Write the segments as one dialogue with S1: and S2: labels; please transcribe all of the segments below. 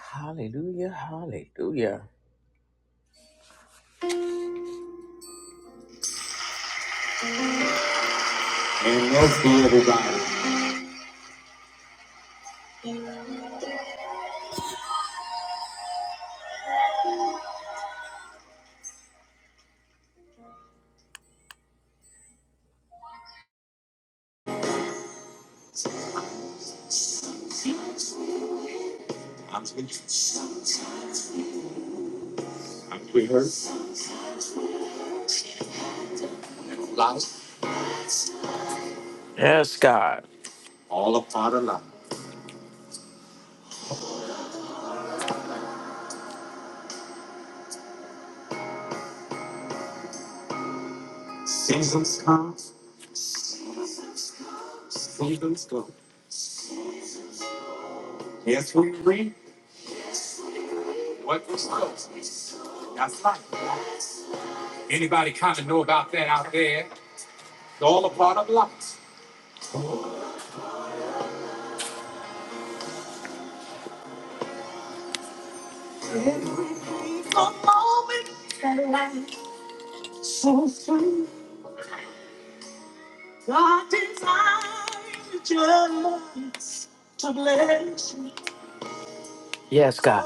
S1: Hallelujah, hallelujah. And love us everybody. I'm Jesus. I'm here. Life, Yes, God. all a part of life. Seasons come, seasons go. Yes, we read what was spoken. That's life. Anybody kind of know about that out there? It's all a part of life. God designed just to bless you. Yes, God.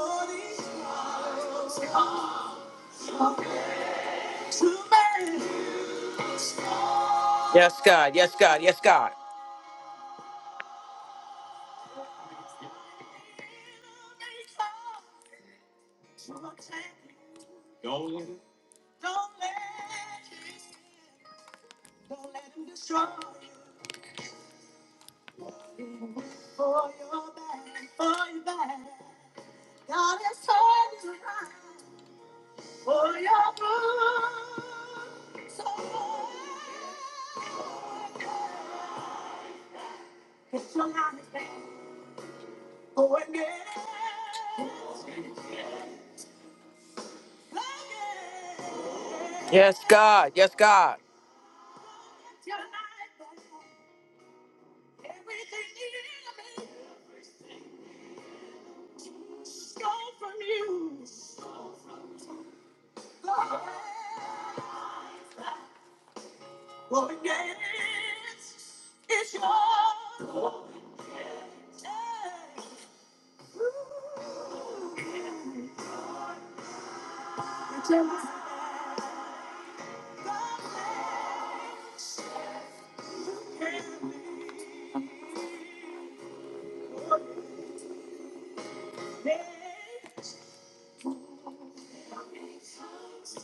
S1: Yes, God. Yes, God. Yes, God. so Oh, yes. Yes, God. Yes, God. Lord, yes, it's your glory.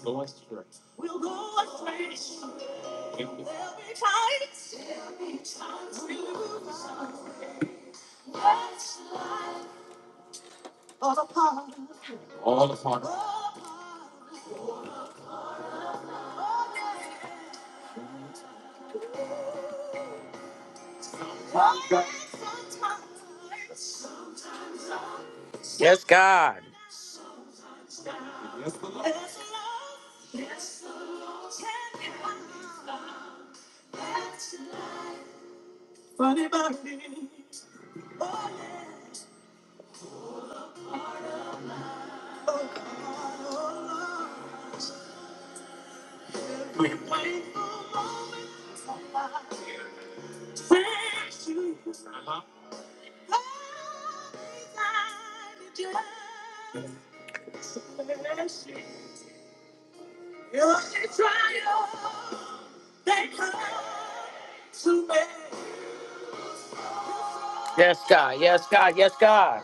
S1: Go astray. We'll go astray. There'll be times. There'll be times we lose our way. That's life. All apart. All apart. All apart. All apart. Yes, God. Yes, God. Yes, God. Yes, God.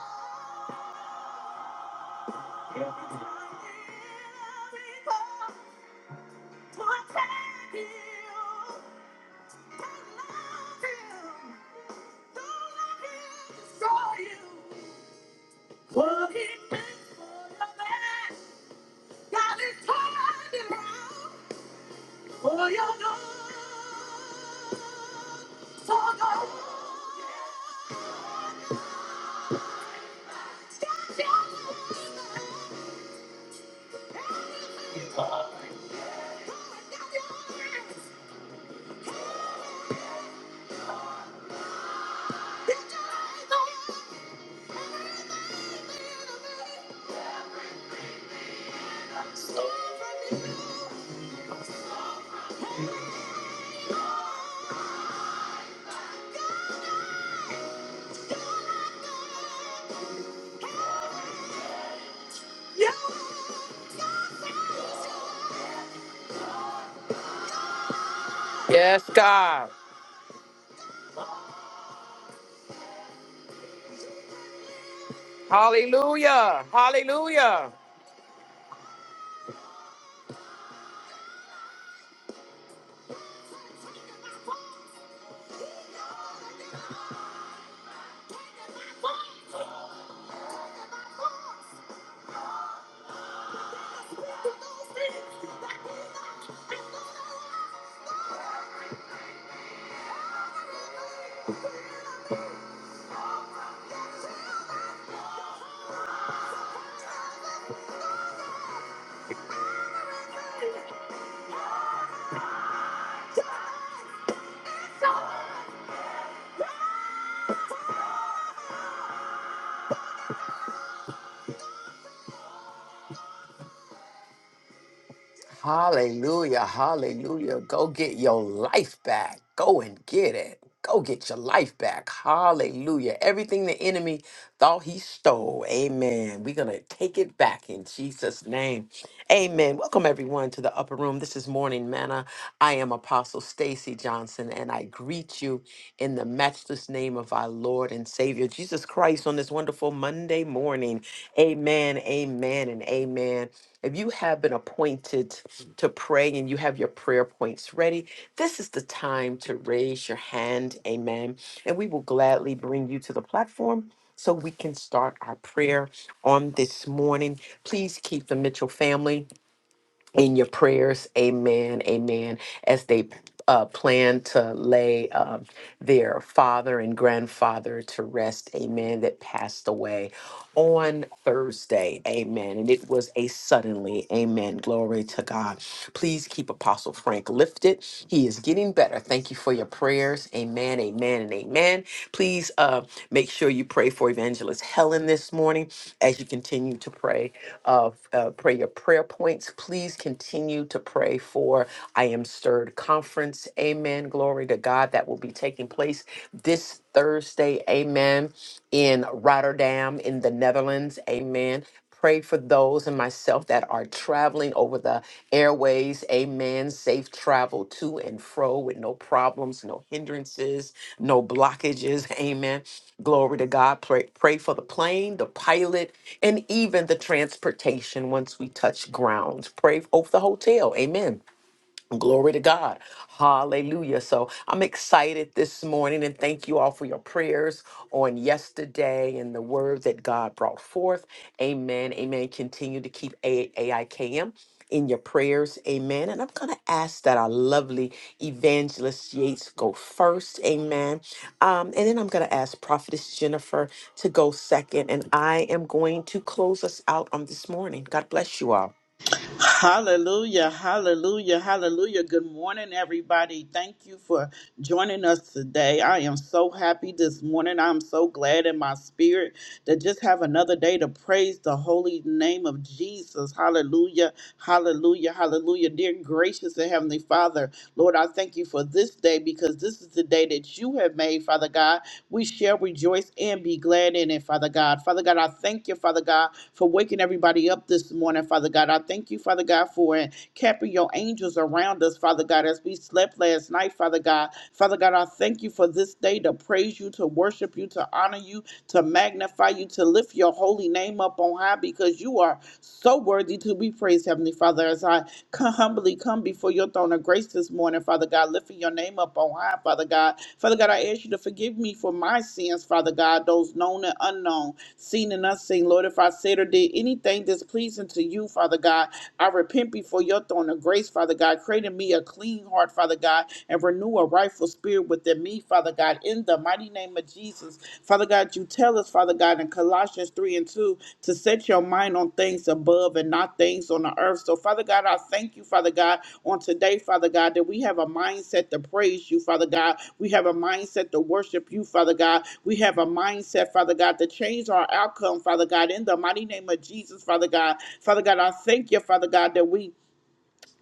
S1: Yes, God. Hallelujah. Hallelujah. Hallelujah. Hallelujah. Go get your life back. Go and get it. Go get your life back. Hallelujah. Everything the enemy thought he stole. Amen. We're going to take it back in Jesus' name. Amen. Welcome everyone to the upper room. This is Morning Manna. I am Apostle Stacy Johnson and I greet you in the matchless name of our Lord and Savior Jesus Christ on this wonderful Monday morning. Amen. Amen and amen if you have been appointed to pray and you have your prayer points ready, this is the time to raise your hand. Amen. And we will gladly bring you to the platform so we can start our prayer on this morning. Please keep the Mitchell family in your prayers. Amen. Amen. As they uh, plan to lay um, their father and grandfather to rest. Amen. That passed away on Thursday. Amen. And it was a suddenly. Amen. Glory to God. Please keep Apostle Frank lifted. He is getting better. Thank you for your prayers. Amen. Amen. And amen. Please uh, make sure you pray for Evangelist Helen this morning as you continue to pray of uh, prayer prayer points. Please continue to pray for I Am Stirred Conference. Amen. Glory to God. That will be taking place this Thursday. Amen. In Rotterdam, in the Netherlands. Amen. Pray for those and myself that are traveling traveling over the airways. Amen. Safe travel to and fro with no problems, no hindrances, no blockages. Amen. Glory to God. Pray, pray for the plane, the pilot, and even the transportation once we touch ground. Pray over the hotel. Amen Glory to God. Hallelujah. So I'm excited this morning and thank you all for your prayers on yesterday and the word that God brought forth. Amen. Amen. Continue to keep A- AIKM in your prayers. Amen. And I'm going to ask that our lovely evangelist Yates go first. Amen. Um, and then I'm going to ask Prophetess Jennifer to go second. And I am going to close us out on this morning. God bless you all.
S2: Hallelujah, hallelujah, hallelujah. Good morning, everybody. Thank you for joining us today. I am so happy this morning. I'm so glad in my spirit to just have another day to praise the holy name of Jesus. Hallelujah, hallelujah, hallelujah. Dear gracious and heavenly Father, Lord, I thank you for this day because this is the day that you have made, Father God. We shall rejoice and be glad in it, Father God. Father God, I thank you, Father God, for waking everybody up this morning, Father God. I thank you, Father God, for capping your angels around us, Father God, as we slept last night, Father God. Father God, I thank you for this day to praise you, to worship you, to honor you, to magnify you, to lift your holy name up on high because you are so worthy to be praised, Heavenly Father. As I Come humbly come before your throne of grace this morning, Father God, lifting your name up on high, Father God. Father God, I ask you to forgive me for my sins, Father God, those known and unknown, seen and unseen. Lord, if I said or did anything displeasing to you, Father God, I repent before your throne of grace, Father God. Create in me a clean heart, Father God, and renew a rightful spirit within me, Father God. In the mighty name of Jesus, Father God, you tell us, Father God, in Colossians 3 and 2, to set your mind on things above and not things on the earth. So, Father God, I thank you, Father God, on today, Father God, that we have a mindset to praise you, Father God. We have a mindset to worship you, Father God. We have a mindset, Father God, to change our outcome, Father God, in the mighty name of Jesus, Father God. Father God, I thank you, Father God, that we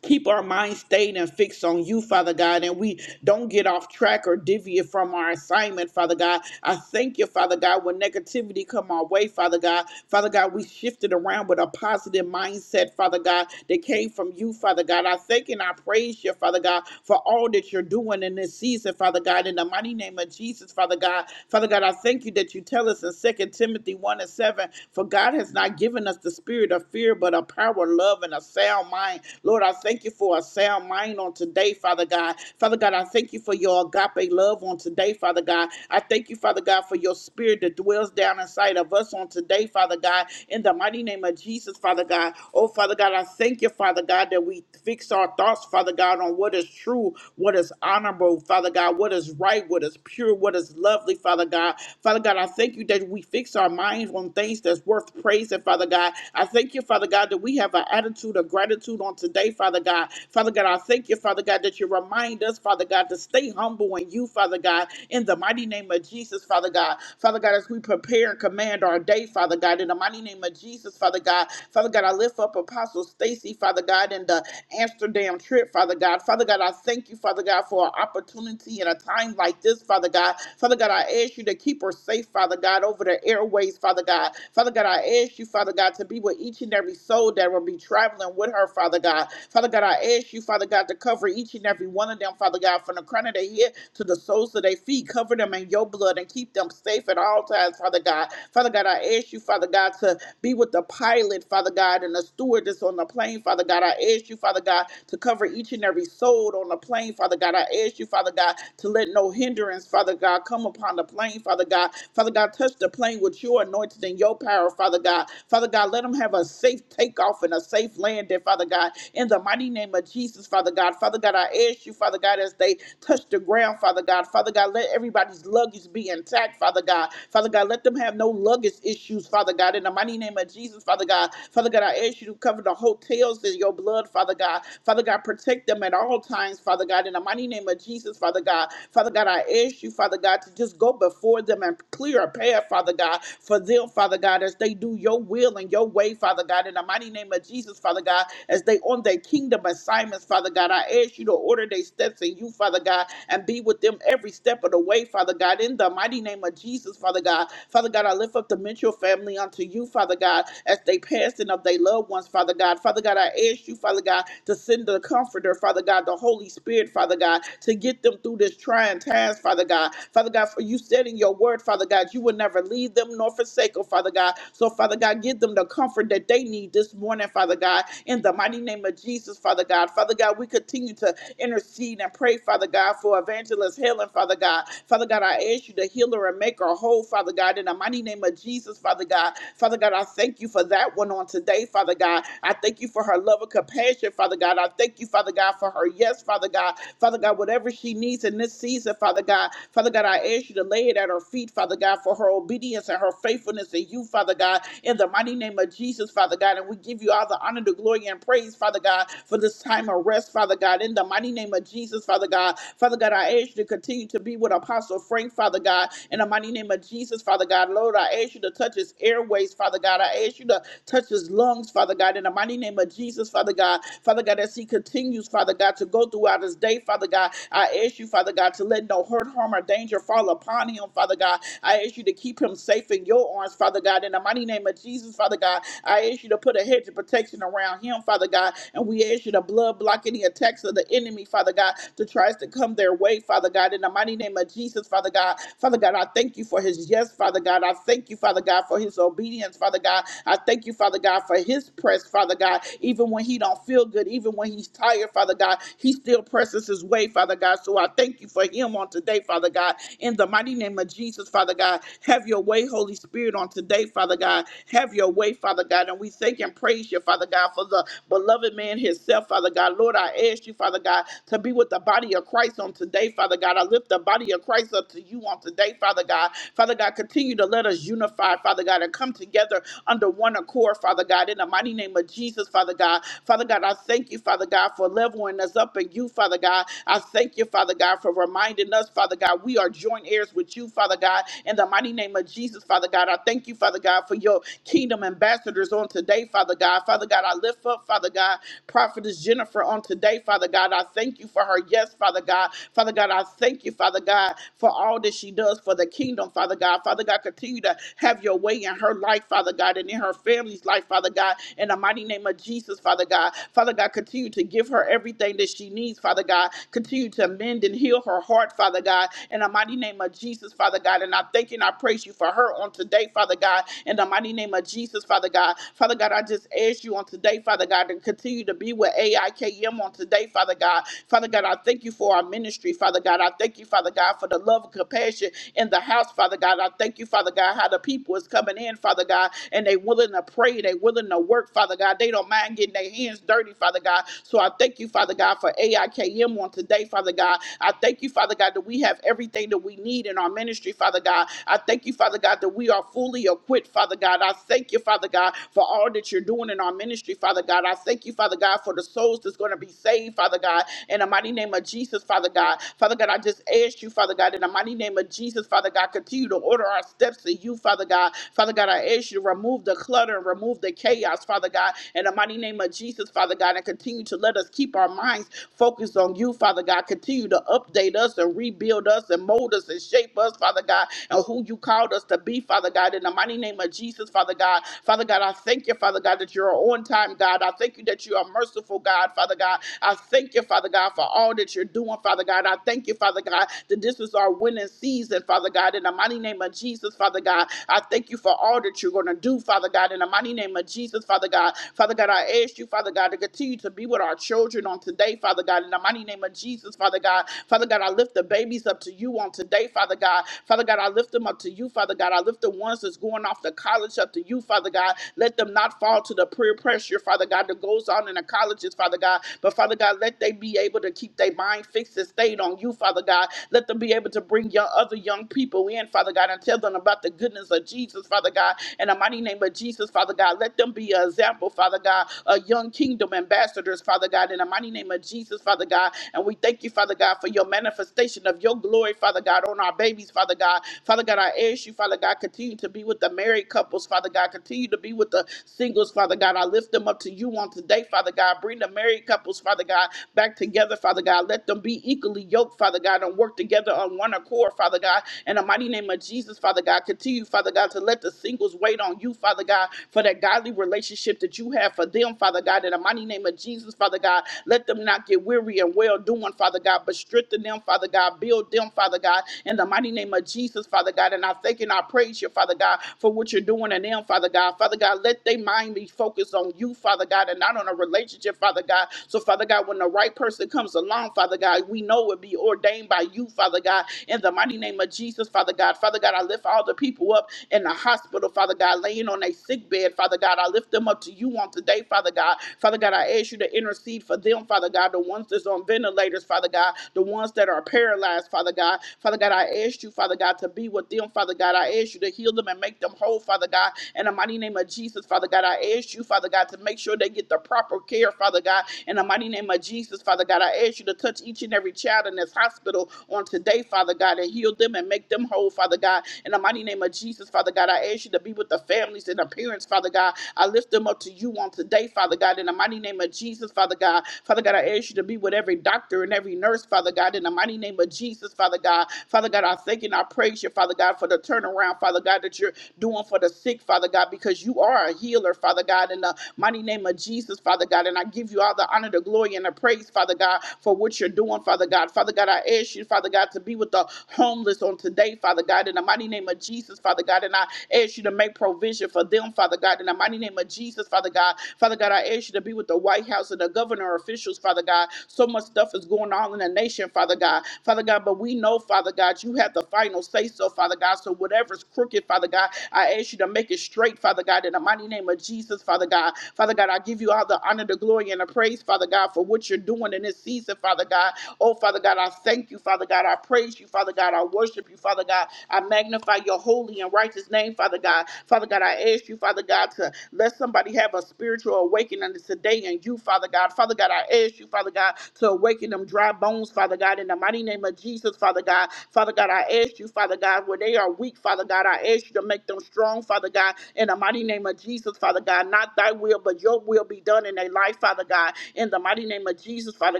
S2: keep our mind stayed and fixed on you, Father God, and we don't get off track or divvy it from our assignment, Father God. I thank you, Father God, when negativity come our way, Father God. Father God, we shifted around with a positive mindset, Father God, that came from you, Father God. I thank and I praise you, Father God, for all that you're doing in this season, Father God, in the mighty name of Jesus, Father God. Father God, I thank you that you tell us in Second Timothy 1 and 7, for God has not given us the spirit of fear, but of power, love, and a sound mind. Lord, I thank thank you for a sound mind on today, Father God. Father God, I thank you for your agape love on today, Father God. I thank you, Father God, for your spirit that dwells down inside of us on today, Father God. In the mighty name of Jesus, Father God. Oh, Father God, I thank you, Father God, that we fix our thoughts, Father God, on what is true, what is honorable, Father God, what is right, what is pure, what is lovely, Father God. Father God, I thank you that we fix our minds on things that's worth praising, Father God. I thank you, Father God, that we have an attitude of gratitude on today, Father. Father God. Father God, I thank you, Father God, that you remind us, Father God, to stay humble in you, Father God, in the mighty name of Jesus, Father God. Father God, as we prepare and command our day, Father God, in the mighty name of Jesus, Father God. Father God, I lift up Apostle Stacy, Father God, in the Amsterdam trip, Father God. Father God, I thank you, Father God, for an opportunity in a time like this, Father God. Father God, I ask you to keep her safe, Father God, over the airways, Father God. Father God, I ask you, Father God, to be with each and every soul that will be traveling with her, Father God. Father Father God, I ask you, Father God, to cover each and every one of them, Father God, from the crown of their head to the soles of their feet. Cover them in your blood and keep them safe at all times, Father God. Father God, I ask you, Father God, to be with the pilot, Father God, and the stewardess on the plane, Father God. I ask you, Father God, to cover each and every soul on the plane, Father God. I ask you, Father God, to let no hindrance, Father God, come upon the plane, Father God. Father God, touch the plane with your anointing and your power, Father God. Father God, let them have a safe takeoff and a safe landing, Father God. In the mighty mighty name of Jesus, Father God. Father God, I ask you, Father God, as they touch the ground, Father God. Father God, let everybody's luggage be intact, Father God. Father God, let them have no luggage issues, Father God. In the mighty name of Jesus, Father God. Father God, I ask you to cover the hotels in your blood, Father God. Father God, protect them at all times, Father God. In the mighty name of Jesus, Father God. Father God, I ask you, Father God, to just go before them and clear a path, Father God, for them, Father God, as they do your will and your way, Father God. In the mighty name of Jesus, Father God, as they on their kingdom kingdom assignments, Father God. I ask you to order their steps in you, Father God, and be with them every step of the way, Father God. In the mighty name of Jesus, Father God. Father God, I lift up the Mitchell family unto you, Father God, as they passing of their loved ones, Father God. Father God, I ask you, Father God, to send the comforter, Father God, the Holy Spirit, Father God, to get them through this trying times, Father God. Father God, for you said in your word, Father God, you would never leave them nor forsake them, Father God. So, Father God, give them the comfort that they need this morning, Father God, in the mighty name of Jesus. Jesus, Father God. Father God, we continue to intercede and pray, Father God, for evangelist Helen. Father God. Father God, I ask you to heal her and make her whole, Father God, in the mighty name of Jesus, Father God. Father God, I thank you for that one on today, Father God. I thank you for her love and compassion, Father God. I thank you, Father God, for her yes, Father God. Father God, whatever she needs in this season, Father God. Father God, I ask you to lay it at her feet, Father God, for her obedience and her faithfulness in you, Father God, in the mighty name of Jesus, Father God. And we give you all the honor, the glory, and praise, Father God, for this time of rest, Father God, in the mighty name of Jesus, Father God. Father God, I ask you to continue to be with Apostle Frank, Father God, in the mighty name of Jesus, Father God. Lord, I ask you to touch his airways, Father God. I ask you to touch his lungs, Father God, in the mighty name of Jesus, Father God. Father God, as he continues, Father God, to go throughout his day, Father God, I ask you, Father God, to let no hurt, harm, or danger fall upon him, Father God. I ask you to keep him safe in your arms, Father God, in the mighty name of Jesus, Father God. I ask you to put a hedge of protection around him, Father God, and we ask their issue, to blood block any attacks of the enemy, Father God, that tries to come their way, Father God. In the mighty name of Jesus, Father God. Father God, I thank you for his yes, Father God. I thank you, Father God, for his obedience, Father God. I thank you, Father God, for his press, Father God. Even when he don't feel good, even when he's tired, Father God, he still presses his way, Father God. So I thank you for him on today, Father God. In the mighty name of Jesus, Father God, have your way, Holy Spirit, on today, Father God. Have your way, Father God. And we thank and praise you, Father God, for the beloved man, his itself, Father God. Lord, I ask you, Father God, to be with the body of Christ on today, Father God. I lift the body of Christ up to you on today, Father God. Father God, continue to let us unify, Father God, and come together under one accord, Father God, in the mighty name of Jesus, Father God. Father God, I thank you, Father God, for leveling us up in you, Father God. I thank you, Father God, for reminding us, Father God, we are joint heirs with you, Father God, in the mighty name of Jesus, Father God. I thank you, Father God, for your kingdom ambassadors on today, Father God. Father God, I lift up, Father God, prophet. Prophetess Jennifer on today, Father God. I thank you for her. Yes, Father God. Father God, I thank you, Father God, for all that she does for the kingdom, Father God. Father God, continue to have your way in her life, Father God, and in her family's life, Father God. In the mighty name of Jesus, Father God. Father God, continue to give her everything that she needs, Father God. Continue to mend and heal her heart, Father God. In the mighty name of Jesus, Father God. And I thank you and I praise you for her on today, Father God. In the mighty name of Jesus, Father God. Father God, I just ask you on today, Father God, to continue to be with with AIKM on today, Father God. Father God, I thank you for our ministry, Father God. I thank you, Father God, for the love and compassion in the house, Father God. I thank you, Father God, how the people is coming in, Father God, and they willing to pray, they willing to work, Father God. They don't mind getting their hands dirty, Father God. So I thank you, Father God, for AIKM on today, Father God. I thank you, Father God, that we have everything that we need in our ministry, Father God. I thank you, Father God, that we are fully equipped, Father God. I thank you, Father God, for all that you're doing in our ministry, Father God. I thank you, Father God, for for the souls that's going to be saved, Father God, in the mighty name of Jesus, Father God. Father God, I just ask you, Father God, in the mighty name of Jesus, Father God, continue to order our steps to you, Father God. Father God, I ask you to remove the clutter and remove the chaos, Father God, in the mighty name of Jesus, Father God, and continue to let us keep our minds focused on you, Father God. Continue to update us and rebuild us and mold us and shape us, Father God, and who you called us to be, Father God, in the mighty name of Jesus, Father God. Father God, I thank you, Father God, that you're on time, God. I thank you that you are merciful merciful God, Father God. I thank you, Father God, for all that you're doing, Father God. I thank you, Father God, that this is our winning season, Father God. In the mighty name of Jesus, Father God, I thank you for all that you're going to do, Father God. In the mighty name of Jesus, Father God. Father God, I ask you, Father God, to continue to be with our children on today, Father God. In the mighty name of Jesus, Father God. Father God, I lift the babies up to you on today, Father God. Father God, I lift them up to you, Father God. I lift the ones that's going off to college up to you, Father God. Let them not fall to the peer pressure, Father God, that goes on in the college psychologists, Father God. But Father God, let they be able to keep their mind fixed and stayed on you, Father God. Let them be able to bring your other young people in, Father God, and tell them about the goodness of Jesus, Father God. In the mighty name of Jesus, Father God, let them be an example, Father God, of young kingdom ambassadors, Father God. In the mighty name of Jesus, Father God. And we thank you, Father God, for your manifestation of your glory, Father God, on our babies, Father God. Father God, I ask you, Father God, continue to be with the married couples, Father God. Continue to be with the singles, Father God. I lift them up to you on today, Father God. God. Bring the married couples, Father God, back together, Father God. Let them be equally yoked, Father God, and work together on one accord, Father God. In the mighty name of Jesus, Father God, continue, Father God, to let the singles wait on you, Father God, for that godly relationship that you have for them, Father God. In the mighty name of Jesus, Father God, let them not get weary and well doing, Father God, but strengthen them, Father God. Build them, Father God, in the mighty name of Jesus, Father God. And I thank and I praise you, Father God, for what you're doing in them, Father God. Father God, let their mind be focused on you, Father God, and not on a relationship relationship, Father God. So, Father God, when the right person comes along, Father God, we know it will be ordained by you, Father God, in the mighty name of Jesus, Father God. Father God, I lift all the people up in the hospital, Father God, laying on a sick bed, Father God. I lift them up to you on today, Father God. Father God, I ask you to intercede for them, Father God, the ones that's on ventilators, Father God, the ones that are paralyzed, Father God. Father God, I ask you, Father God, to be with them, Father God. I ask you to heal them and make them whole, Father God. In the mighty name of Jesus, Father God, I ask you, Father God, to make sure they get the proper care, Father. Father God. In the mighty name of Jesus, Father God, I ask you to touch each and every child in this hospital on today, Father God, and heal them and make them whole, Father God. In the mighty name of Jesus, Father God, I ask you to be with the families and the parents, Father God. I lift them up to you on today, Father God. In the mighty name of Jesus, Father God. Father God, I ask you to be with every doctor and every nurse, Father God. In the mighty name of Jesus, Father God. Father God, I thank you and I praise you, Father God, for the turnaround, Father God, that you're doing for the sick, Father God, because you are a healer, Father God. In the mighty name of Jesus, Father God. And I give you all the honor, the glory, and the praise, Father God, for what you're doing, Father God. Father God, I ask you, Father God, to be with the homeless on today, Father God, in the mighty name of Jesus, Father God. And I ask you to make provision for them, Father God, in the mighty name of Jesus, Father God. Father God, I ask you to be with the White House and the governor officials, Father God. So much stuff is going on in the nation, Father God. Father God, but we know, Father God, you have the final say so, Father God. So whatever's crooked, Father God, I ask you to make it straight, Father God, in the mighty name of Jesus, Father God. Father God, I give you all the honor, the glory joy and a praise, Father God, for what you're doing in this season, Father God. Oh, Father God, I thank you, Father God. I praise you, Father God. I worship you, Father God. I magnify your holy and righteous name, Father God. Father God, I ask you, Father God, to let somebody have a spiritual awakening today in you, Father God. Father God, I ask you, Father God, to awaken them dry bones, Father God, in the mighty name of Jesus, Father God. Father God, I ask you, Father God, where they are weak, Father God, I ask you to make them strong, Father God, in the mighty name of Jesus, Father God. Not thy will, but your will be done in their life, Father. Father God, in the mighty name of Jesus, Father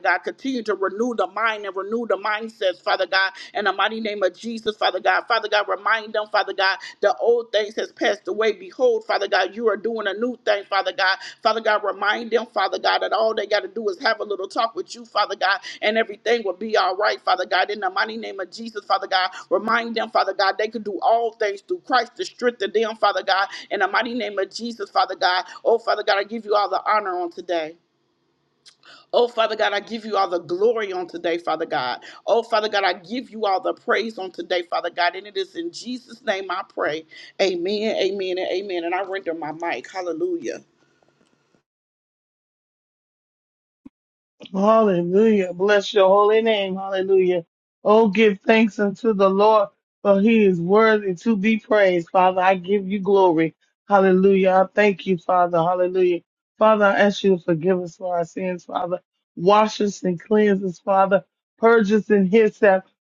S2: God. Continue to renew the mind and renew the mindsets, Father God, in the mighty name of Jesus, Father God. Father God, remind them, Father God, the old things has passed away. Behold, Father God, you are doing a new thing, Father God. Father God, remind them, Father God, that all they got to do is have a little talk with you, Father God, and everything will be all right, Father God. In the mighty name of Jesus, Father God, remind them, Father God, they could do all things through Christ to strengthen them, Father God. In the mighty name of Jesus, Father God. Oh, Father God, I give you all the honor on today. Oh, Father God, I give you all the glory on today, Father God. Oh, Father God, I give you all the praise on today, Father God. And it is in Jesus' name I pray. Amen, amen, and amen. And I render my mic. Hallelujah.
S3: Hallelujah. Bless your holy name. Hallelujah. Oh, give thanks unto the Lord, for he is worthy to be praised. Father, I give you glory. Hallelujah. I thank you, Father. Hallelujah. Father, I ask you to forgive us for our sins, Father. Wash us and cleanse us, Father. Purge us in his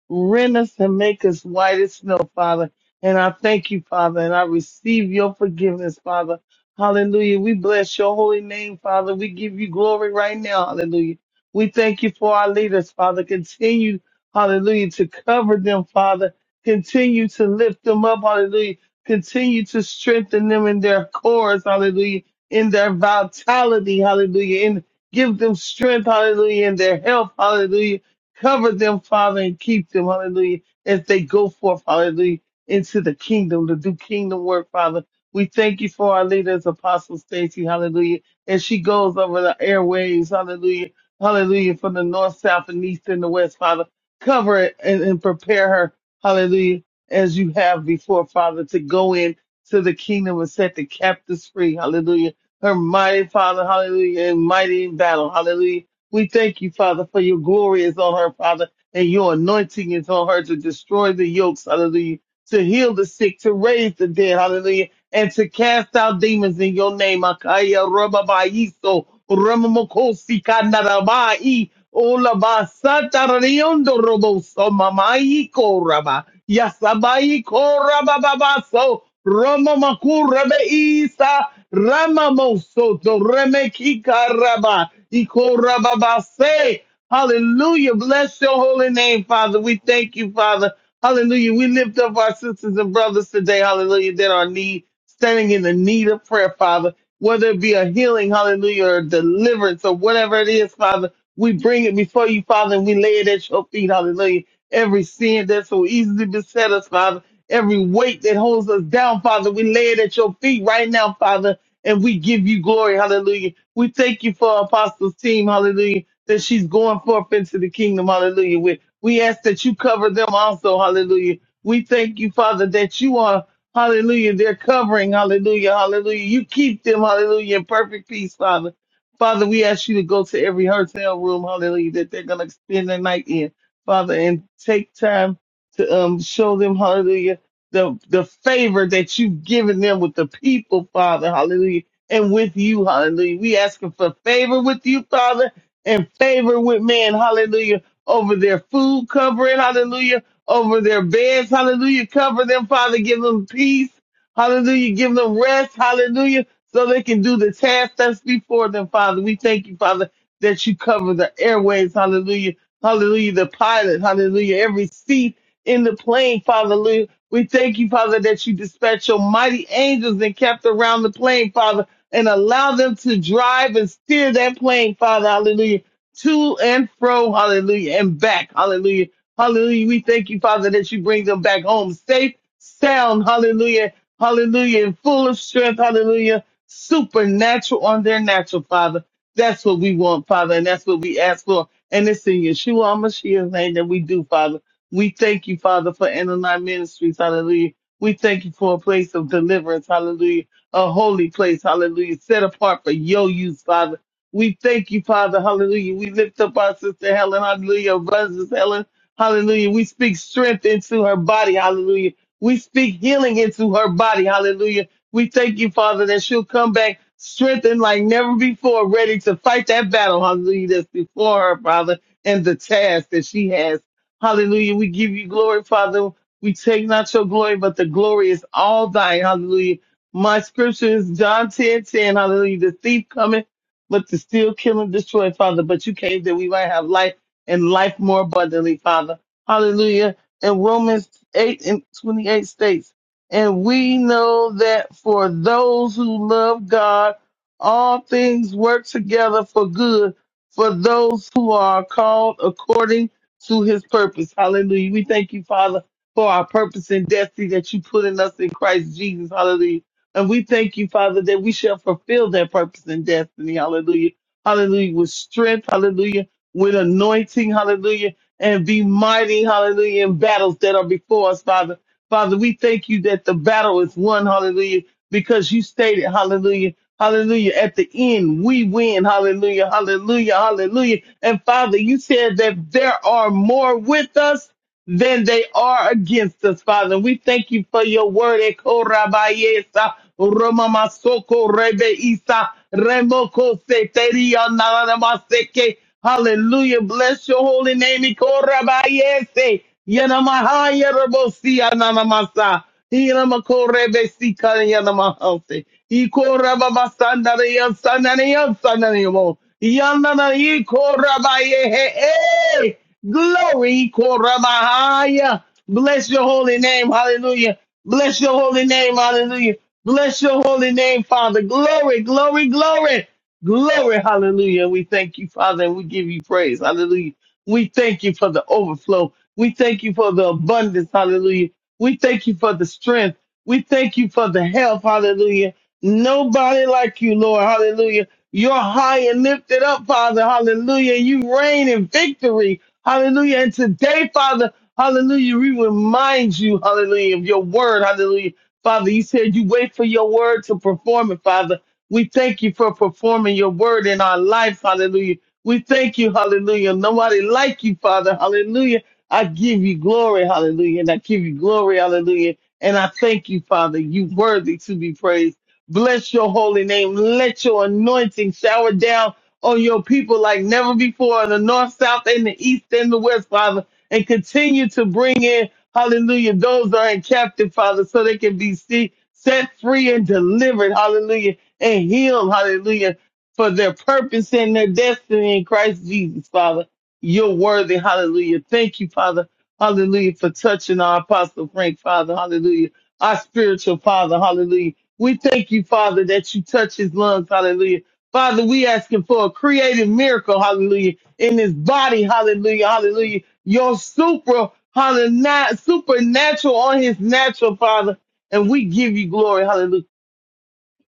S3: Rend us and make us white as snow, Father. And I thank you, Father, and I receive your forgiveness, Father. Hallelujah. We bless your holy name, Father. We give you glory right now. Hallelujah. We thank you for our leaders, Father. Continue, hallelujah, to cover them, Father. Continue to lift them up, hallelujah. Continue to strengthen them in their cores, hallelujah, in their vitality, hallelujah, and give them strength, hallelujah, in their health, hallelujah. Cover them, Father, and keep them, hallelujah, as they go forth, hallelujah, into the kingdom to do kingdom work, Father. We thank you for our leaders, Apostle Stacy, hallelujah, as she goes over the airways, hallelujah Hallelujah. From the north, south, and east, and the west, Father. Cover it and, and prepare her. Hallelujah. As you have before, Father, to go in to the kingdom and set the captives free. Hallelujah. Her mighty Father. Hallelujah. And mighty in battle. Hallelujah. We thank you, Father, for your glory is on her, Father, and your anointing is on her to destroy the yokes. Hallelujah. To heal the sick, to raise the dead. Hallelujah and to cast out demons in your name. Akaya Rababaiso Ramamokosi Kanarabai Olaba Satariondo Roboso Mamai Koraba Yasabai Korabababaso Romamakurabe Isa Ramamoso Remeki Karaba Ikorababase Hallelujah. Bless your holy name, Father. We thank you, Father. Hallelujah. We lift up our sisters and brothers today. Hallelujah. That are need, standing in the need of prayer, Father. Whether it be a healing, hallelujah, or deliverance or whatever it is, Father, we bring it before you, Father, and we lay it at your feet. Hallelujah. Every sin that so easily beset us, Father. Every weight that holds us down, Father, we lay it at your feet right now, Father and we give you glory. Hallelujah. We thank you for Apostle's team. Hallelujah. That she's going forth into the kingdom. Hallelujah. We, we ask that you cover them also. Hallelujah. We thank you, Father, that you are, hallelujah, they're covering. Hallelujah. Hallelujah. You keep them. Hallelujah. In perfect peace, Father. Father, we ask you to go to every hotel room. Hallelujah. That they're going to spend the night in, Father, and take time to um, show them. Hallelujah the the favor that you've given them with the people, Father, hallelujah, and with you, hallelujah. We asking for favor with you, Father, and favor with man, hallelujah, over their food covering, hallelujah, over their beds, hallelujah. Cover them, Father, give them peace, hallelujah, give them rest, hallelujah, so they can do the task that's before them, Father. We thank you, Father, that you cover the airways, hallelujah, hallelujah, the pilot, hallelujah, every seat in the plane, Father. We thank you, Father, that you dispatched your mighty angels and kept around the plane, Father, and allow them to drive and steer that plane, Father, hallelujah, to and fro, hallelujah, and back, hallelujah, hallelujah. We thank you, Father, that you bring them back home safe, sound, hallelujah, hallelujah, and full of strength, hallelujah, supernatural on their natural, Father. That's what we want, Father, and that's what we ask for. And it's in Yeshua HaMashiach's name that we do, Father. We thank you, Father, for Anani Ministries. Hallelujah. We thank you for a place of deliverance. Hallelujah. A holy place. Hallelujah. Set apart for your use, Father. We thank you, Father. Hallelujah. We lift up our sister Helen. Hallelujah. Brothers Helen. Hallelujah. We speak strength into her body. Hallelujah. We speak healing into her body. Hallelujah. We thank you, Father, that she'll come back strengthened like never before, ready to fight that battle. Hallelujah. That's before her, Father, and the task that she has. Hallelujah. We give you glory, Father. We take not your glory, but the glory is all thine. Hallelujah. My scripture is John 10 10. Hallelujah. The thief cometh, but to steal, kill, and destroy, Father. But you came that we might have life and life more abundantly, Father. Hallelujah. And Romans 8 and 28 states, and we know that for those who love God, all things work together for good for those who are called according to his purpose. Hallelujah. We thank you, Father, for our purpose and destiny that you put in us in Christ Jesus. Hallelujah. And we thank you, Father, that we shall fulfill that purpose and destiny. Hallelujah. Hallelujah. With strength. Hallelujah. With anointing. Hallelujah. And be mighty. Hallelujah. In battles that are before us, Father. Father, we thank you that the battle is won. Hallelujah. Because you stated, hallelujah. Hallelujah. At the end, we win. Hallelujah. Hallelujah. Hallelujah. And Father, you said that there are more with us than they are against us, Father. We thank you for your word. Eko rabayesa, romamasoko rebeisa, remoko seteria nanamaseke. Hallelujah. Bless your holy name. Eko rabayese, yanamaha yarabosia nanamasa. Hiramako rebesika yanamahase. Iko rababasanare yansanare yansanare yamo. Yanana iko rabayehe. Glory, Koramahaya. Bless your holy name. Hallelujah. Bless your holy name. Hallelujah. Bless your holy name, Father. Glory, glory, glory. Glory, hallelujah. We thank you, Father, and we give you praise. Hallelujah. We thank you for the overflow. We thank you for the abundance. Hallelujah. We thank you for the strength. We thank you for the health. Hallelujah. Nobody like you, Lord. Hallelujah. You're high and lifted up, Father. Hallelujah. You reign in victory. Hallelujah. And today, Father, hallelujah, we remind you, hallelujah, of your word. Hallelujah. Father, you said you wait for your word to perform it, Father. We thank you for performing your word in our life. Hallelujah. We thank you. Hallelujah. Nobody like you, Father. Hallelujah. I give you glory. Hallelujah. And I give you glory. Hallelujah. And I thank you, Father. You worthy to be praised. Bless your holy name. Let your anointing shower down on your people like never before in the north, south, and the east and the west, Father, and continue to bring in, hallelujah, those that are in captive, Father, so they can be see, set free and delivered, hallelujah, and healed, hallelujah, for their purpose and their destiny in Christ Jesus, Father. You're worthy, hallelujah. Thank you, Father, hallelujah, for touching our Apostle Frank, Father, hallelujah, our spiritual Father, hallelujah. We thank you, Father, that you touch his lungs, hallelujah Father, we asking for a creative miracle, hallelujah, in his body, hallelujah, hallelujah. Your super, hallelujah, supernatural on his natural, Father. And we give you glory, hallelujah.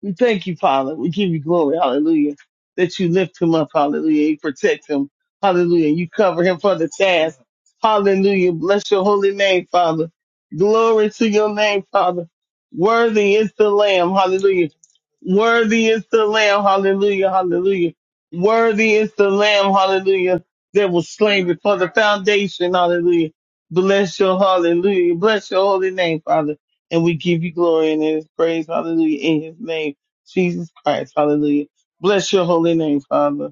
S3: We thank you, Father. We give you glory. Hallelujah. That you lift him up. Hallelujah. You protect him. Hallelujah. You cover him for the task. Hallelujah. Bless your holy name, Father. Glory to your name, Father. Worthy is the Lamb. Hallelujah. Worthy is the Lamb. Hallelujah. Hallelujah. Worthy is the Lamb. Hallelujah. That was slain before the foundation. Hallelujah. Bless your hallelujah. Bless your holy name, Father. And we give you glory and his praise. Hallelujah. In his name. Jesus Christ. Hallelujah. Bless your holy name, Father.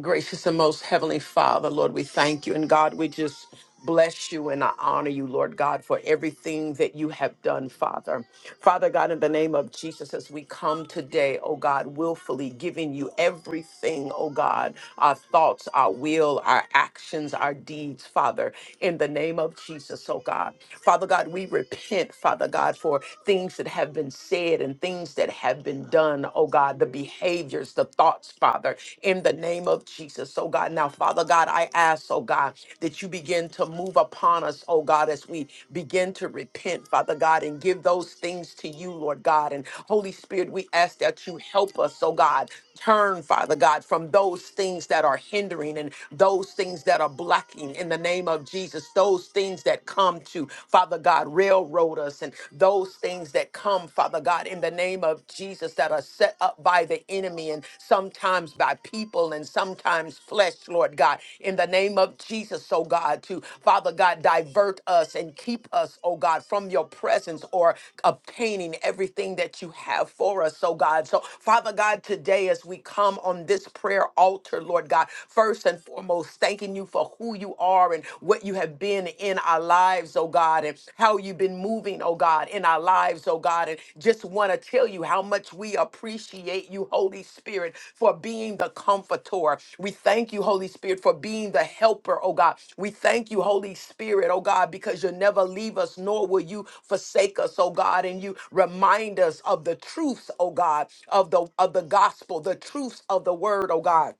S1: Gracious and most heavenly Father, Lord, we thank you. And God, we just bless you and I honor you, Lord God, for everything that you have done, Father. Father God, in the name of Jesus, as we come today, oh God, willfully giving you everything, oh God, our thoughts, our will, our actions, our deeds, Father, in the name of Jesus, oh God. Father God, we repent, Father God, for things that have been said and things that have been done done, oh God, the behaviors, the thoughts, Father, in the name of Jesus, oh God. Now, Father God, I ask, oh God, that you begin to move upon us, oh God, as we begin to repent, Father God, and give those things to you, Lord God. And Holy Spirit, we ask that you help us, oh God, Turn, Father God, from those things that are hindering and those things that are blocking in the name of Jesus, those things that come to, Father God, railroad us and those things that come, Father God, in the name of Jesus that are set up by the enemy and sometimes by people and sometimes flesh, Lord God, in the name of Jesus, oh God. God, to, Father God, divert us and keep us, oh God, from your presence or obtaining everything that you have for us, oh God. So, Father God, today as we come on this prayer altar, Lord God, first and foremost, thanking you for who you are and what you have been in our lives, oh God, and how you've been moving, oh God, in our lives, oh God. God, and just want to tell you how much we appreciate you, Holy Spirit, for being the comforter. We thank you, Holy Spirit, for being the helper, oh God. We thank you, Holy Spirit, oh God, because you'll never leave us, nor will you forsake us, oh God. And you remind us of the truths, oh God, of the of the gospel, the truths of the word, oh God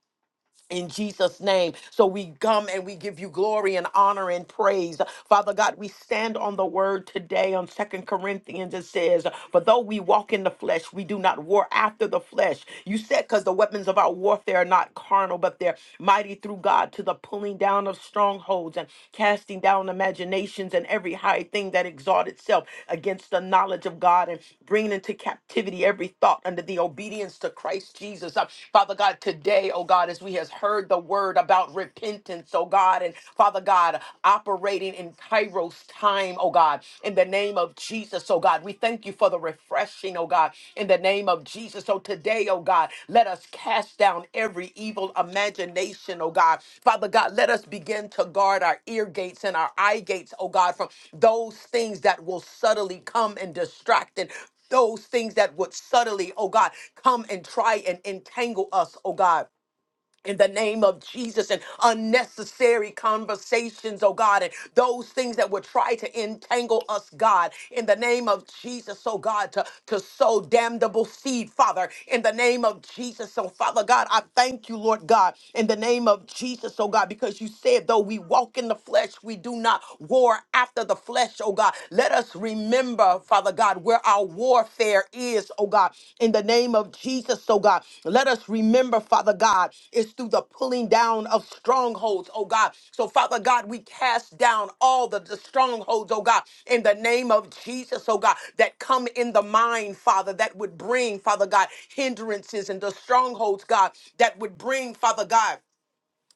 S1: in Jesus' name. So we come and we give you glory and honor and praise. Father God, we stand on the word today on Second Corinthians. It says, For though we walk in the flesh, we do not war after the flesh. You said, because the weapons of our warfare are not carnal, but they're mighty through God to the pulling down of strongholds and casting down imaginations and every high thing that exalts itself against the knowledge of God and bringing into captivity every thought under the obedience to Christ Jesus. Uh, Father God, today, oh God, God, as we has heard the word about repentance, oh God, and Father God, operating in Kairos time, oh God, in the name of Jesus, oh God. We thank you for the refreshing, oh God, in the name of Jesus. So today, oh God, let us cast down every evil imagination, oh God. Father God, let us begin to guard our ear gates and our eye gates, oh God, from those things that will subtly come and distract and those things that would subtly, oh God, come and try and entangle us, oh God in the name of Jesus and unnecessary conversations, oh God, and those things that would try to entangle us, God, in the name of Jesus, oh God, to, to sow damnable seed, Father, in the name of Jesus, oh Father God, I thank you, Lord God, in the name of Jesus, oh God, because you said, though we walk in the flesh, we do not war after the flesh, oh God. Let us remember remember, Father God, where our warfare is, oh God, in the name of Jesus, oh God. Let us remember, Father God, it's through the pulling down of strongholds, oh God. So, Father God, we cast down all the, the strongholds, oh God, in the name of Jesus, oh God, that come in the mind, Father, that would bring, Father God, hindrances and the strongholds, God, that would bring, Father God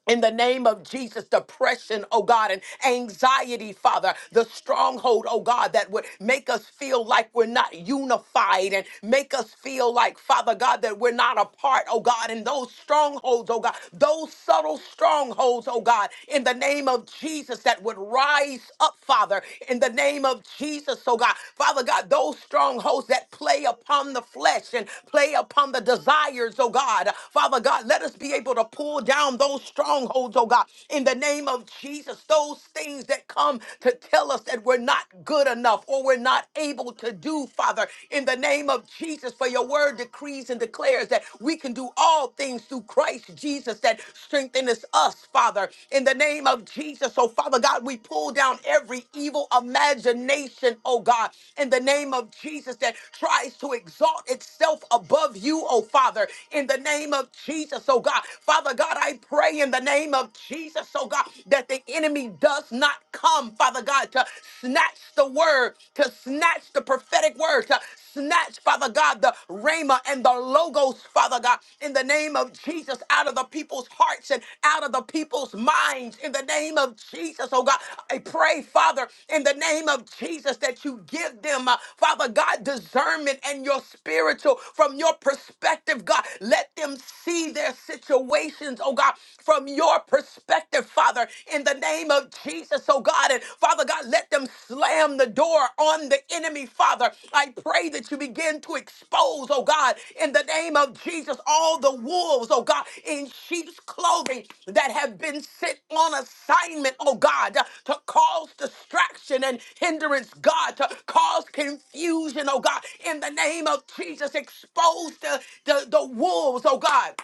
S1: in the name of Jesus, depression, oh God, and anxiety, Father, the stronghold, oh God, that would make us feel like we're not unified and make us feel like, Father God, that we're not apart, oh God, and those strongholds, oh God, those subtle strongholds, oh God, in the name of Jesus, that would rise up, Father, in the name of Jesus, oh God, Father God, those strongholds that play upon the flesh and play upon the desires, oh God, Father God, let us be able to pull down down those strongholds, oh God, in the name of Jesus. Those things that come to tell us that we're not good enough or we're not able to do, Father, in the name of Jesus. For your word decrees and declares that we can do all things through Christ Jesus that strengthens us, Father, in the name of Jesus. So, Father God, we pull down every evil imagination, oh God, in the name of Jesus that tries to exalt itself above you, oh Father, in the name of Jesus, oh God. Father, Father God, I pray in the name of Jesus, oh God, that the enemy does not come, Father God, to snatch the word, to snatch the prophetic word, to snatch, Father God, the rhema and the logos, Father God, in the name of Jesus, out of the people's hearts and out of the people's minds, in the name of Jesus, oh God. I pray, Father, in the name of Jesus, that you give them, uh, Father God, discernment and your spiritual from your perspective, God. Let them see their situations, oh God, from your perspective, Father, in the name of Jesus, oh God. And Father God, let them slam the door on the enemy, Father. I pray that you begin to expose, oh God, in the name of Jesus, all the wolves, oh God, in sheep's clothing that have been sent on assignment, oh God, to cause distraction and hindrance, God, to cause confusion, oh God, in the name of Jesus, expose the, the, the wolves, oh God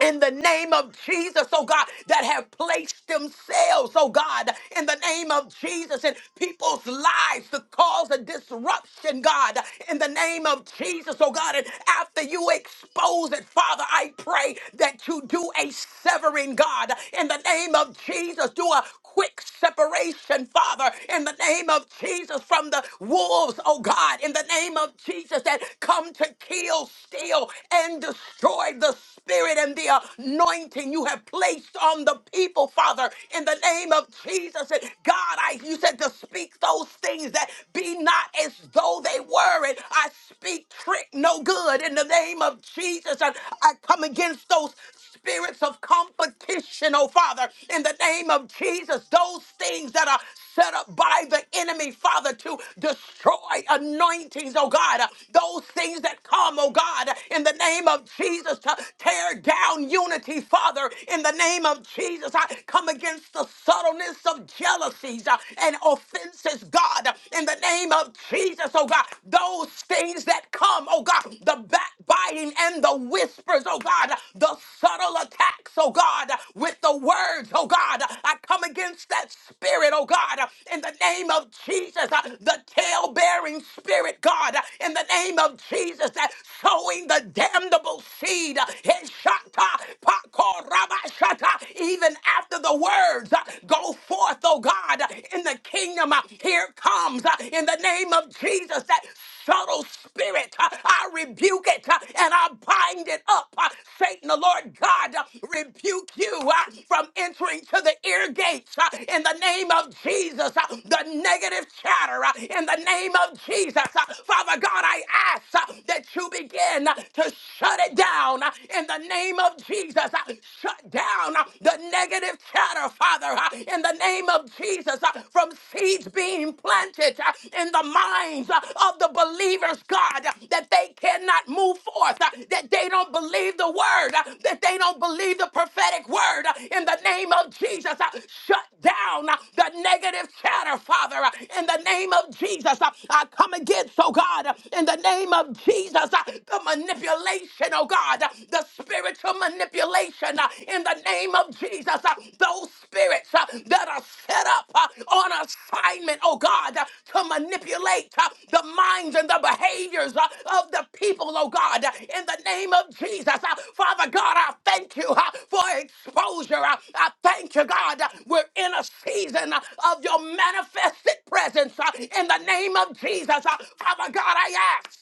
S1: in the name of Jesus, oh God, that have placed themselves, oh God, in the name of Jesus, in people's lives to cause a disruption, God, in the name of Jesus, oh God. And after you expose it, Father, I pray that you do a severing, God, in the name of Jesus, do a quick separation, Father, in the name of Jesus, from the wolves, oh God, in the name of Jesus, that come to kill, steal, and destroy the spirit and the anointing you have placed on the people, Father, in the name of Jesus. And God, I you said to speak those things that be not as though they were. And I speak trick no good in the name of Jesus. And I come against those spirits of competition, oh Father, in the name of Jesus, those things that are set up by the enemy, Father, to destroy anointings, oh God. Those things that come, oh God, in the name of Jesus, to tear down unity, Father, in the name of Jesus. I come against the subtleness of jealousies uh, and offenses, God, in the name of Jesus, oh God. Those things that come, oh God, the backbiting and the whispers, oh God, the subtle attacks, oh God, with the words, oh God. I come come against that spirit, oh God, uh, in the name of Jesus, uh, the tail bearing spirit, God, uh, in the name of Jesus, that sowing the damnable seed, uh, Heshata, Pakorabashata, even after the words uh, go forth, oh God, uh, in the kingdom, uh, here comes uh, in the name of Jesus, that subtle spirit. Uh, I rebuke it uh, and I bind it up. Uh, Satan, the Lord God, uh, rebuke you uh, from entering to the ear gates uh, in the name of Jesus. Uh, The negative chatter uh, in the name of Jesus. Uh, Father God, I ask uh, that you begin uh, to shut it down uh, in the name of Jesus. Uh, Shut down uh, the negative chatter, Father, uh, in the name of Jesus, uh, from seeds being planted uh, in the minds uh, of the believers, God, uh, that they cannot move forth, uh, that they don't believe the word, uh, that they don't believe the prophetic word. uh, In the name of Jesus, uh, shut down uh, the negative chatter, Father. uh, In the name of Jesus, uh, I come against, oh God, uh, in the name of Jesus, uh, the manipulation, oh God, uh, the spiritual manipulation manipulation uh, in the name of Jesus. uh, Those spirits uh, that are set up uh, on assignment, oh God, uh, to manipulate uh, the minds and the behaviors uh, of the people, oh God, uh, in the name of Jesus. uh, Father God, I thank you uh, for exposure. uh, I thank you, God, uh, we're in a season uh, of your manifested presence uh, in the name of Jesus. uh, Father God, I ask.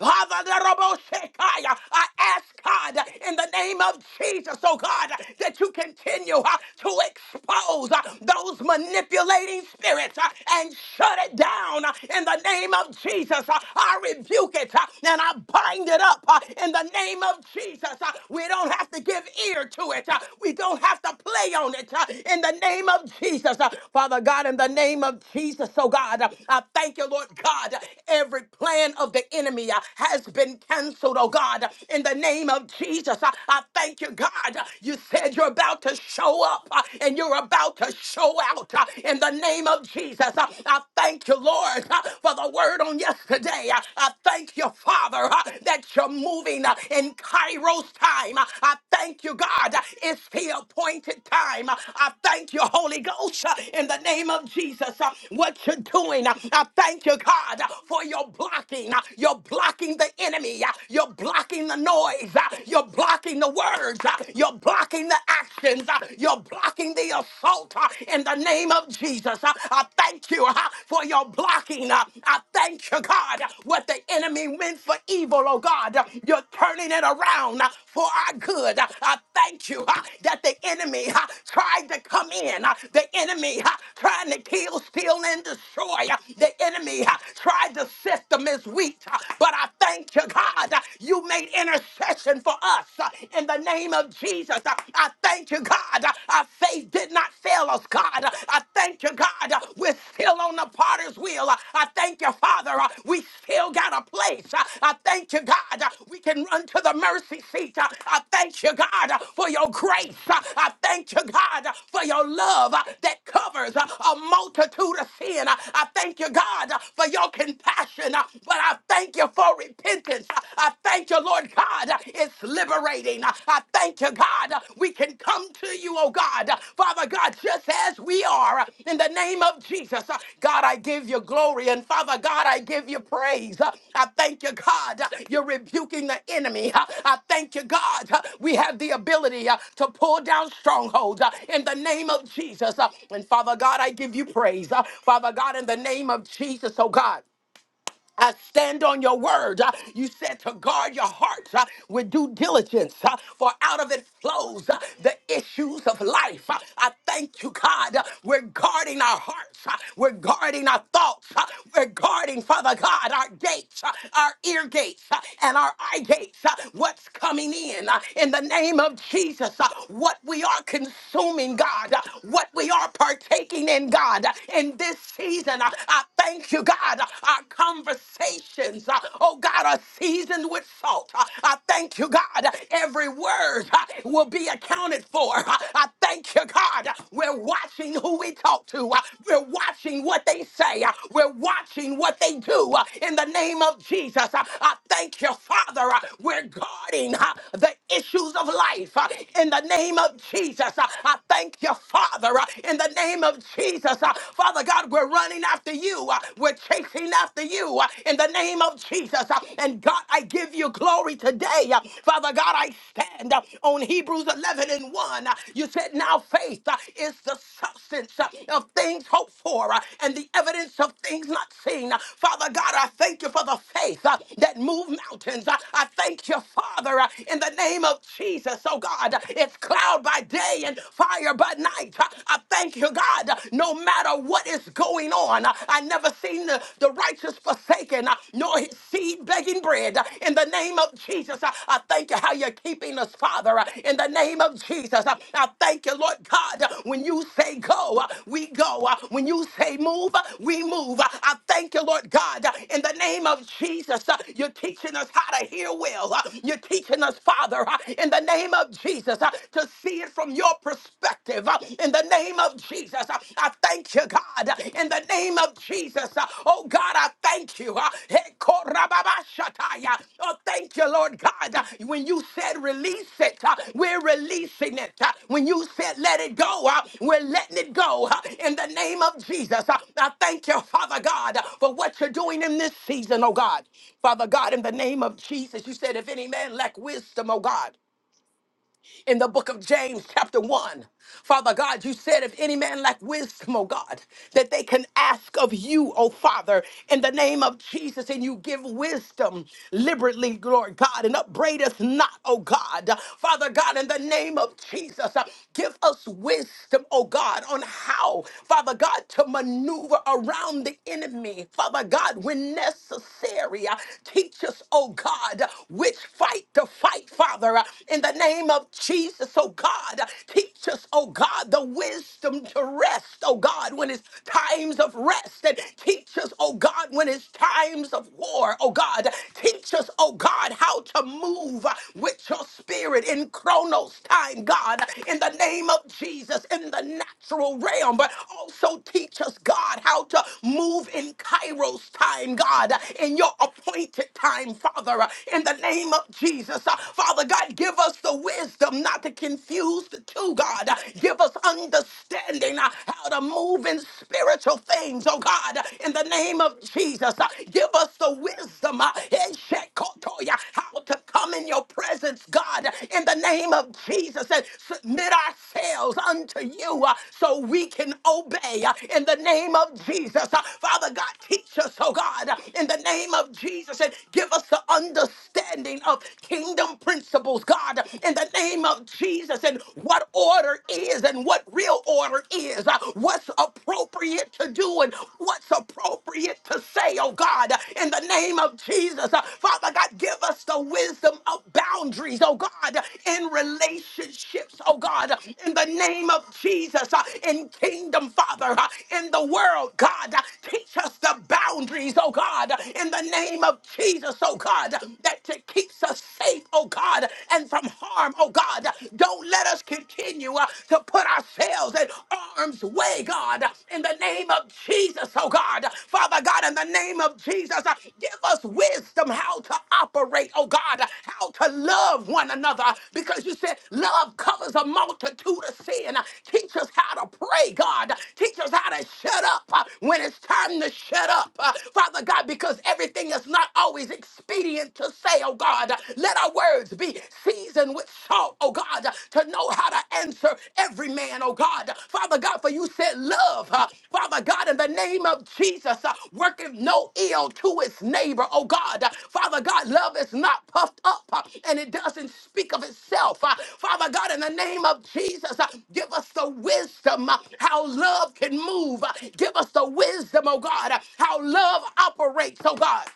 S1: Havadaroboshekaya. I ask God in the name of Jesus, oh God, that you continue uh, to expose uh, those manipulating spirits uh, and shut it down uh, in the name of Jesus. Uh, I rebuke it uh, and I bind it up uh, in the name of Jesus. Uh, We don't have to give ear to it, uh, we don't have to play on it uh, in the name of Jesus. Uh, Father God, in the name of Jesus, oh God, uh, I thank you, Lord God, every plan of the enemy enemy uh, has been canceled, oh God, in the name of Jesus. I, I thank you, God. You said you're about to show up uh, and you're about to show out uh, in the name of Jesus. Uh, I thank you, Lord, uh, for the word on yesterday. Uh, I thank you, Father, uh, that you're moving uh, in Cairo's time. Uh, I thank you, God. Uh, It's the appointed time. Uh, I thank you, Holy Ghost, uh, in the name of Jesus. Uh, What you're doing, uh, I thank you, God, uh, for your blocking blocking. uh, You're blocking the enemy. uh, You're blocking the noise. uh, You're blocking the words. uh, You're blocking the actions. uh, You're blocking the assault uh, in the name of Jesus. Uh, I thank you uh, for your blocking. uh, I thank you, God, uh, what the enemy meant for evil, oh God. uh, You're turning it around uh, for our good. Uh, I thank you uh, that the enemy uh, tried to come in. uh, The enemy uh, trying to kill, steal, and destroy. uh, The enemy uh, tried to sift Septimus wheat, But I thank you, God, uh, you made intercession for us uh, in the name of Jesus. Uh, I thank you, God, uh, our faith did not fail us, God. Uh, I thank you, God, uh, we're still on the potter's wheel. Uh, I thank you, Father, uh, we still got a place. Uh, I thank you, God, uh, we can run to the mercy seat. Uh, I thank you, God, uh, for your grace. Uh, I thank you, God, uh, for your love uh, that covers uh, a multitude of sin. Uh, I thank you, God, uh, for your compassion passion, uh, but I thank you for repentance. Uh, I thank you, Lord God. uh, It's liberating. Uh, I thank you, God. uh, We can come to you, oh God. Uh, Father God, just as we are, uh, in the name of Jesus. Uh, God, I give you glory. And Father God, I give you praise. Uh, I thank you, God. uh, You're rebuking the enemy. Uh, I thank you, God. uh, We have the ability uh, to pull down strongholds uh, in the name of Jesus. Uh, And Father God, I give you praise. Uh, Father God, in the name of Jesus, oh God. I stand on your word. Uh, You said to guard your heart uh, with due diligence, uh, for out of it flows uh, the issues of life. Uh, I thank you, God. Uh, We're guarding our hearts. Uh, We're guarding our thoughts. Uh, We're guarding, Father God, our gates, uh, our ear gates, uh, and our eye gates. Uh, What's coming in? uh, In the name of Jesus, uh, what we are consuming, God, uh, what we are partaking in, God, uh, in this season. Uh, I thank you, God. Our conversations, uh, oh God, are seasoned with salt. Uh, I thank you, God. Every word uh, will be accounted for. Uh, I thank you, God. We're watching who we talk to. Uh, We're watching what they say. Uh, We're watching what they do. Uh, In the name of Jesus, uh, I thank you, Father. Uh, We're guarding uh, the issues of life. Uh, In the name of Jesus, uh, I thank you, Father. Uh, In the name of Jesus, Uh, Jesus. Uh, Father God, we're running after you. Uh, We're chasing after you uh, in the name of Jesus. Uh, And God, I give you glory today. Uh, Father God, I stand uh, on Hebrews 11 and 1. Uh, You said, Now faith uh, is the substance uh, of things hoped for uh, and the evidence of things not seen. Uh, Father God, I thank you for the faith uh, that moved mountains. Uh, I thank you, Father, uh, in the name of Jesus. Oh God, it's cloud by day and fire by night tonight. I thank you, God, no matter what is going on. I never seen the, the righteous forsaken, nor his seed begging bread. In the name of Jesus, I I thank you how you're keeping us, Father. In the name of Jesus, I I thank you, Lord God. When you say go, we go. When you say move, we move. I thank you, Lord God. In the name of Jesus, you're teaching us how to hear well. You're teaching us, Father, in the name of Jesus, to see it from your perspective. uh, In the name of Jesus, Uh, I thank you, God. In the name of Jesus, uh, oh God, I thank you. uh, hey, korababashataya. Oh, thank you, Lord God. Uh, When you said release it, uh, we're releasing it. Uh, When you said let it go, uh, we're letting it go. Uh, In the name of Jesus, uh, I thank you, Father God, uh, for what you're doing in this season, oh God. Father God, in the name of Jesus, you said, if any man lack wisdom, oh God in the book of James, chapter 1. Father God, you said, if any man lack wisdom, oh God, that they can ask of you, oh Father, in the name of Jesus, and you give wisdom liberally, Lord God, and upbraideth not, oh God. Father God, in the name of Jesus, uh, give us wisdom, oh God, on how, Father God, to maneuver around the enemy, Father God, when necessary. Uh, Teach us, oh God, which fight to fight, Father, uh, in the name of Jesus, oh God. Teach us, oh God, the wisdom to rest, oh God, when it's times of rest. And teach us, oh God, when it's times of war, oh God. Teach us, oh God, how to move with your spirit in Chronos time, God, in the name of Jesus, in the natural realm. But also teach us, God, how to move in Kairos time, God, in your appointed time, Father, in the name of Jesus. Father God, give us the wisdom not to confuse the two, God. Give us understanding uh, how to move in spiritual things, oh God, in the name of Jesus. Uh, Give us the wisdom uh, eh, shekotoya, how to come in your presence, God, in the name of Jesus, and submit ourselves unto you uh, so we can obey uh, in the name of Jesus. Uh, Father God, teach us, oh God, in the name of Jesus, and give us the understanding of kingdom principles, God, in the name of Jesus, and what order is and what real order is, uh, what's appropriate to do and what's appropriate to say, oh God, in the name of Jesus. Uh, Father God, give us the wisdom of boundaries, oh God, in relationships, oh God, in the name of Jesus, uh, in kingdom, Father, uh, in the world, God, uh, teach us the boundaries, oh God, in the name of Jesus, oh God that that keeps us safe, oh God, and from harm, oh God. Don't let us continue uh, to put ourselves in harm's way, God, in the name of Jesus, oh God. Father God, in the name of Jesus, uh, give us wisdom how to operate, oh God, how to love one another, because you said love covers a multitude of sin. Teach us how to pray, God. Teach us how to shut up uh, when it's time to shut up, uh, Father God, because everything is not always always expedient to say, oh God. Let our words be seasoned with salt, oh God, to know how to answer every man, oh God. Father God, for you said love, uh, Father God, in the name of Jesus, uh, worketh no ill to its neighbor, oh God. Father God, love is not puffed up uh, and it doesn't speak of itself. Uh, Father God, in the name of Jesus, uh, give us the wisdom uh, how love can move. Uh, Give us the wisdom, oh God, uh, how love operates, oh God.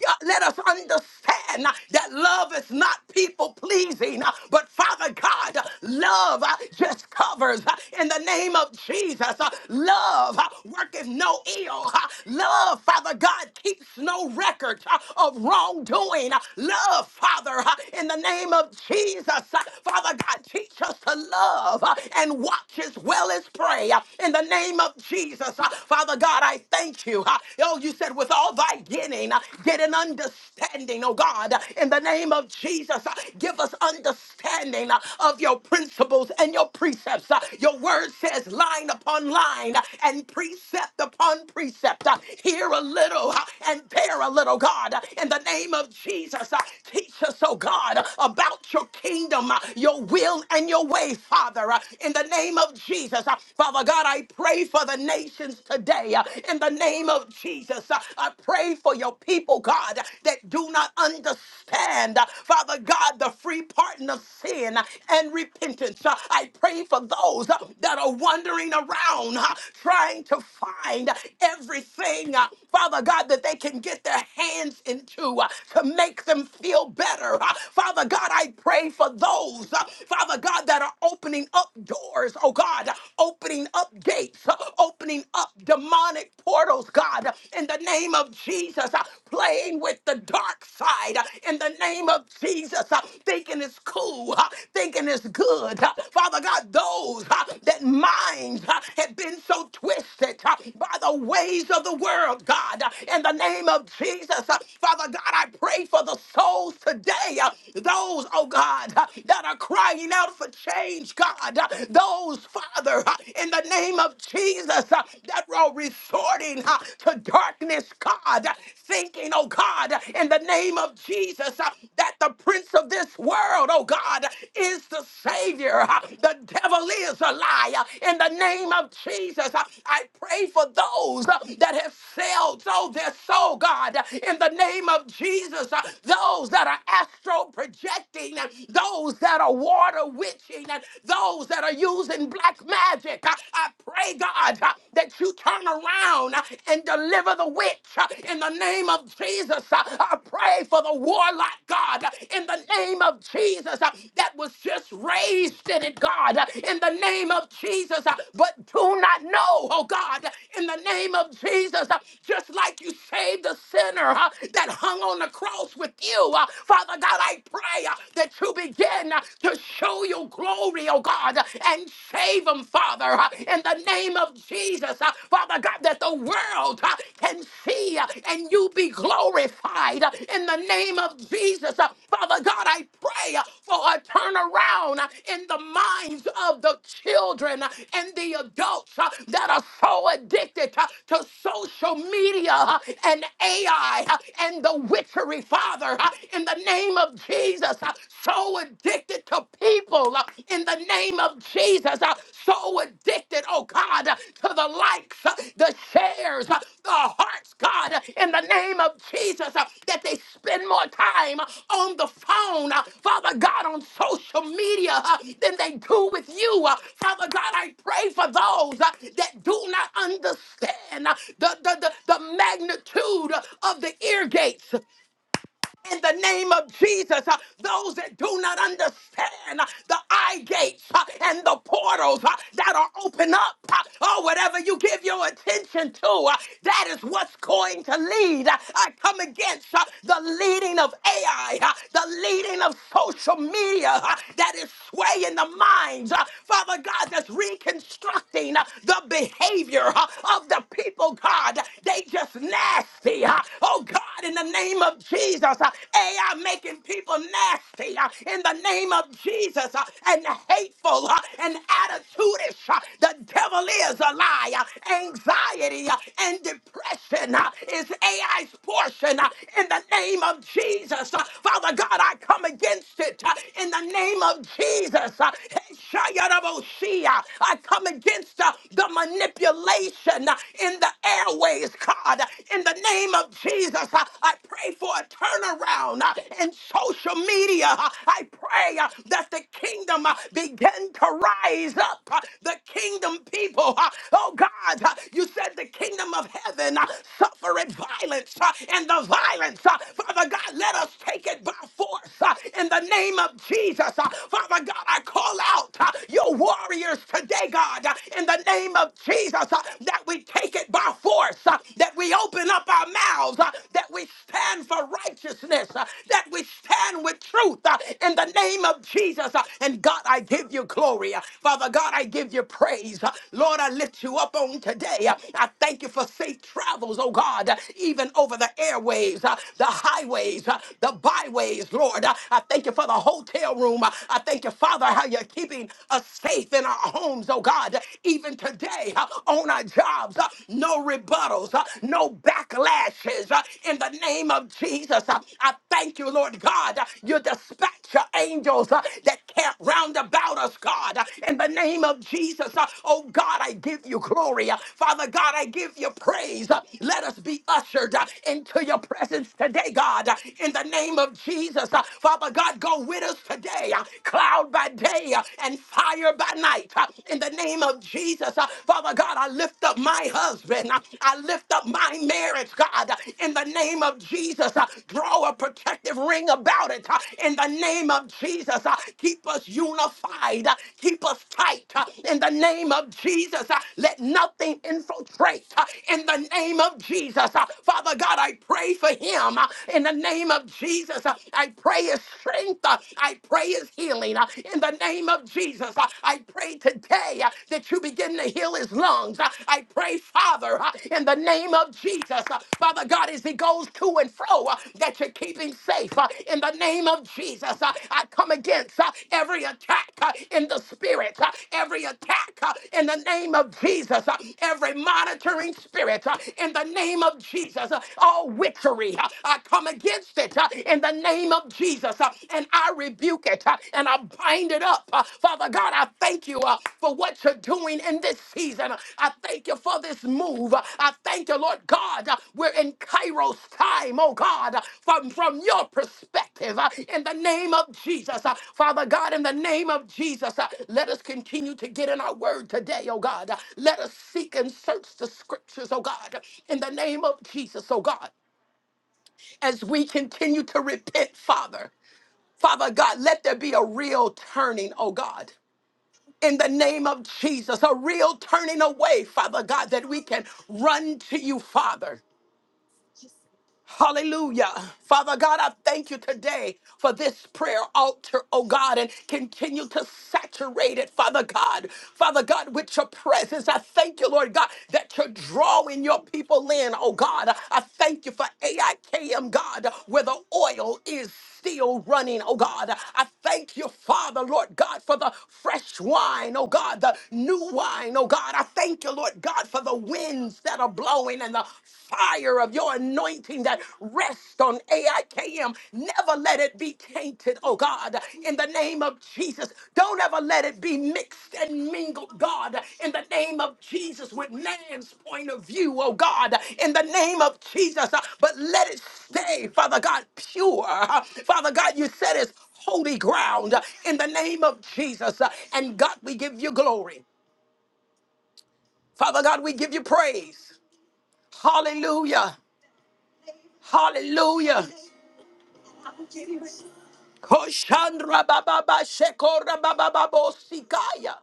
S1: God, let us understand uh, that love is not people pleasing, uh, but Father God, uh, love uh, just covers uh, in the name of Jesus. uh, Love uh, worketh no ill. uh, Love, Father God, keeps no record uh, of wrongdoing. uh, Love, Father, uh, in the name of Jesus. uh, Father God, teach us to love uh, and watch as well as pray uh, in the name of Jesus. uh, Father God, I thank you. uh, Oh, you said said, with all thy getting, uh, get an understanding, oh God, uh, in the name of Jesus. uh, Give us understanding uh, of your principles and your precepts. uh, Your word says line upon line uh, and precept upon precept. uh, Here a little uh, and there a little, God, uh, in the name of Jesus. uh, Teach us, oh God, uh, about your kingdom, uh, your will, and your way, Father, uh, in the name of Jesus. Uh, Father God, I pray for the nations today in the name of Jesus. Uh, I pray for your people, God, that do not understand, uh, Father God, the free pardon of sin and repentance. Uh, I pray for those uh, that are wandering around uh, trying to find everything, uh, Father God, that they can get their hands into uh, to make them feel better. Uh, Father God, I pray for those, uh, Father God, that are opening up doors, oh God, opening up gates gates, uh, opening up demonic portals, God, in the name of Jesus, uh, playing with the dark side, uh, in the name of Jesus, uh, thinking it's cool, uh, thinking it's good. uh, Father God, those uh, that minds uh, have been so twisted uh, by the ways of the world, God, uh, in the name of Jesus, uh, Father God, I pray for the souls today, uh, those, oh God, uh, that are crying out for change, God, uh, those those, Father, uh, in the name of Jesus, uh, that were resorting uh, to darkness, God, uh, thinking, oh God, uh, in the name of Jesus, uh, that the prince of this world, oh God, uh, is the Savior. uh, The devil is a liar. In the name of Jesus, uh, I pray for those uh, that have failed, oh, their soul, God, uh, in the name of Jesus, uh, those that are astral projecting, uh, those that are water witches, witching and those that are using black magic. I, I pray, God, uh, that you turn around uh, and deliver the witch uh, in the name of Jesus. Uh, I pray for the warlock, God, uh, in the name of Jesus, uh, that was just raised in it, God, uh, in the name of Jesus, uh, but do not know, oh God, uh, in the name of Jesus, uh, just like you saved the sinner uh, that hung on the cross with you. uh, Father God, I pray uh, that you begin uh, to show your glory, oh God, uh, and save them, Father, uh, in the name of Jesus, uh, Father God, that the world uh, can see uh, and you be glorified uh, in the name of Jesus. Uh, Father God, I pray uh, for a turnaround uh, in the minds of the children uh, and the adults uh, that are so addicted uh, to social media uh, and AI uh, and the witchery, Father, uh, in the name name of Jesus. Uh, So addicted to people. uh, In the name of Jesus. Uh, So addicted, oh God, uh, to the likes, uh, the shares, uh, the hearts, God, uh, in the name of Jesus, uh, that they spend more time uh, on the phone, uh, Father God, on social media uh, than they do with you. uh, Father God, I pray for those uh, that do not understand uh, the, the, the, the magnitude of the ear gates in the name of Jesus. Uh, Those that do not understand uh, the eye gates uh, and the portals uh, that are open up, uh, or whatever you give your attention to, uh, that is what's going to lead. Uh, I come against uh, the leading of AI, uh, the leading of social media uh, that is swaying the minds, uh, Father God, that's reconstructing uh, the behavior uh, of the people, God. They just nasty. uh, Oh God. God, in the name of Jesus. Uh, AI making people nasty uh, in the name of Jesus uh, and hateful uh, and attitudish. uh, The devil is a liar. Anxiety uh, and depression uh, is AI's portion uh, in the name of Jesus. Uh, Father God, I come against it uh, in the name of Jesus. Uh, Shayarabosia. I come against uh, the manipulation uh, in the airways. God, in the name of Jesus, uh, I pray for a turnaround uh, in social media. Uh, I pray uh, that the kingdom uh, begin to rise up. uh, The kingdom people, uh, oh God, uh, you said the kingdom of heaven uh, suffereth violence uh, and the violence. uh, Father God, let us take it by force uh, in the name of Jesus. Uh, Father God, I call out uh, your warriors today, God, uh, in the name of Jesus uh, that we take it by force, uh, that we open up our mouths, uh, that we stand for righteousness, uh, that we stand with truth uh, in the name of Jesus. uh, And God, I give you glory. uh, Father God, I give you praise. uh, Lord, I lift you up on today. uh, I thank you for safe travels, oh God, uh, even over the airways, uh, the highways, uh, the byways, Lord. uh, I thank you for the hotel room. uh, I thank you, Father, how you're keeping us safe in our homes, homes, oh God, even today uh, on our jobs. uh, No rebuttals, uh, no backlashes uh, in the name of Jesus. uh, I thank you, Lord God. uh, You dispatch your angels uh, that camp round about us, God, uh, in the name of Jesus. uh, Oh God, I give you glory. uh, Father God, I give you praise. uh, Let us be ushered uh, into your presence today, God, uh, in the name of Jesus. uh, Father God, go with us today. uh, Cloud by day day uh, and fire by night. uh, In the name of Jesus, Uh, Father God, I lift up my husband. Uh, I lift up my marriage, God. Uh, In the name of Jesus, uh, draw a protective ring about it. Uh, In the name of Jesus, uh, keep us unified. Uh, Keep us tight. Uh, In the name of Jesus, uh, let nothing infiltrate. Uh, In the name of Jesus, uh, Father God, I pray for him. Uh, In the name of Jesus, uh, I pray his strength. uh, uh, I pray his healing uh, in the name of Jesus. Uh, I pray today uh, that you begin to heal his lungs. Uh, I pray, Father, uh, in the name of Jesus, uh, Father God, as he goes to and fro, uh, that you keep him safe uh, in the name of Jesus. Uh, I come against uh, every attack uh, in the spirit, uh, every attack uh, in the name of Jesus, uh, every monitoring spirit uh, in the name of Jesus, uh, all witchery. uh, I come against it uh, uh, in the name of Jesus. uh, And I rebuke it uh, and I bind it up. Uh, Father God, I thank you uh, for what you're doing in this season. Uh, I thank you for this move. Uh, I thank you, Lord God. uh, We're in Kairos time, oh God, uh, from, from your perspective uh, in the name of Jesus. Uh, Father God, in the name of Jesus, uh, let us continue to get in our word today, oh God. Uh, Let us seek and search the scriptures, oh God, in the name of Jesus, oh God as we continue to repent, Father. Father God, let there be a real turning, oh God. In the name of Jesus, a real turning away, Father God, that we can run to you, Father. Hallelujah. Father God, I thank you today for this prayer altar, oh God, and continue to saturate it, Father God. Father God, with your presence, I thank you, Lord God, that you're drawing your people in, oh God. I thank you for AIKM, God, where the oil is still running, oh God. I thank you, Father, Lord God, for the fresh wine, oh God, the new wine, oh God. I thank you, Lord God, for the winds that are blowing and the fire of your anointing that rests on AIKM. Never let it be tainted, oh God, in the name of Jesus. Jesus. Don't ever let it be mixed and mingled, God, in the name of Jesus, with man's point of view, oh God, in the name of Jesus. Uh, But let it stay, Father God, pure. Uh, Father God, you said it's holy ground uh, in the name of Jesus. Uh, And God, we give you glory. Father God, we give you praise. Hallelujah. Hallelujah. Koshandra bababa shekora bababa bosikaya.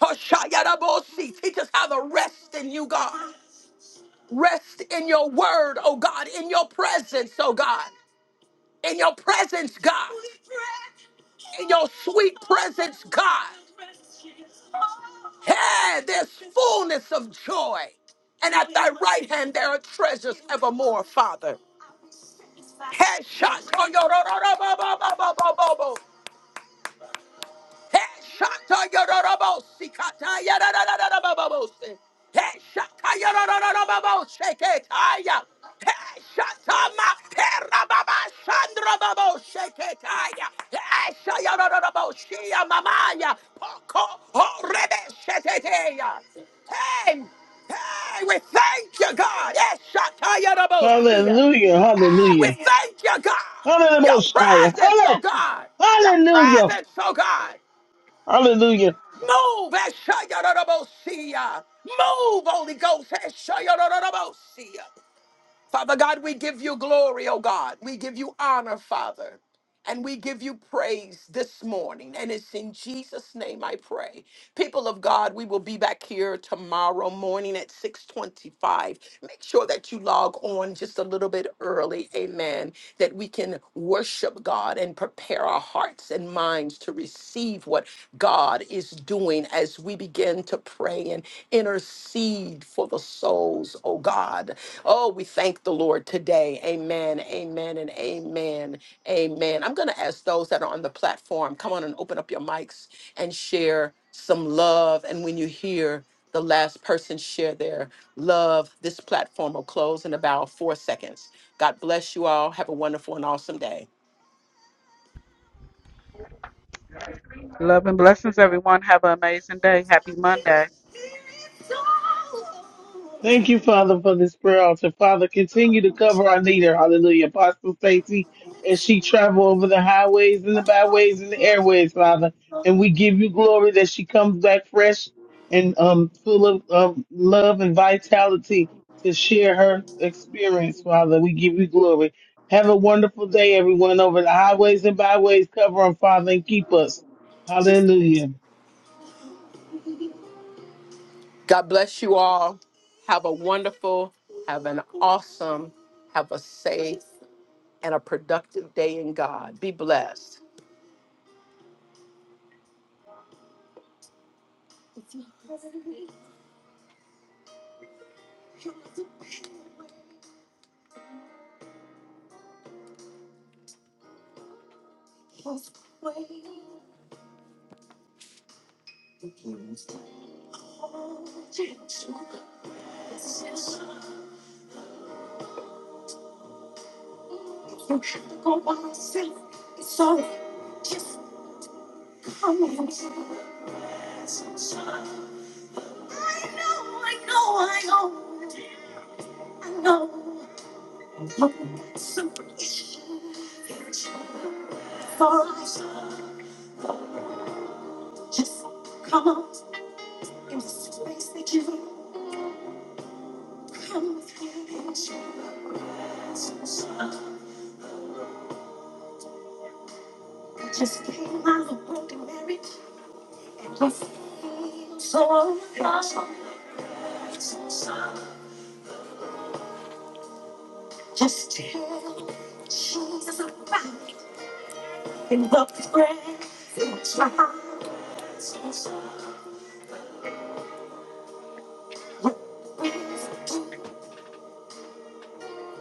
S1: Hoshayara bosi. Teach us how to rest in you, God. Rest in your word, oh God, in your presence, oh God in your presence, God, in your sweet presence, God. Hey, there's fullness of joy. And at thy right hand there are treasures evermore, Father. Headshot. Hey, shata yororobo, sikata yararararababose. Hey, shata yorororobo, sheketaya. Hey, shata mapera baba, shandra babo, sheketaya. Hey, shayororobo, shia mamaya, poko, horebe, sheteteya. Hey, hey, we thank you, God. Hey, shata yororobo, sia. Hey,
S3: Hallelujah.
S1: we
S3: Hallelujah.
S1: thank you, God. Your
S3: Hallelujah.
S1: presence, oh God. Your
S3: Hallelujah.
S1: presence, oh God.
S3: Hallelujah.
S1: Move, Ashayarabosia. Move, Holy Ghost, Ashayarabosia. Father God, we give you glory, oh God. We give you honor, Father. And we give you praise this morning. And it's in Jesus' name I pray. People of God, we will be back here tomorrow morning at 625. Make sure that you log on just a little bit early. Amen. That we can worship God and prepare our hearts and minds to receive what God is doing as we begin to pray and intercede seed for the souls, oh God. Oh, we thank the Lord today. Amen, amen, and amen, amen. I'm going to ask those that are on the platform, come on and open up your mics and share some love. And when you hear the last person share their love, this platform will close in about four seconds. God bless you all. Have a wonderful and awesome day.
S2: Love and blessings, everyone. Have an amazing day. Happy day.
S3: Thank you, Father, for this prayer altar. Father, continue to cover our leader. Hallelujah. Apostle Stacy, as she travel over the highways and the byways and the airways, Father. And we give you glory that she comes back fresh and um, full of um, love and vitality to share her experience, Father. We give you glory. Have a wonderful day, everyone, over the highways and byways. Cover them, Father, and keep us. Hallelujah.
S1: God bless you all. Have a wonderful, have an awesome, have a safe and a productive day in God. Be blessed.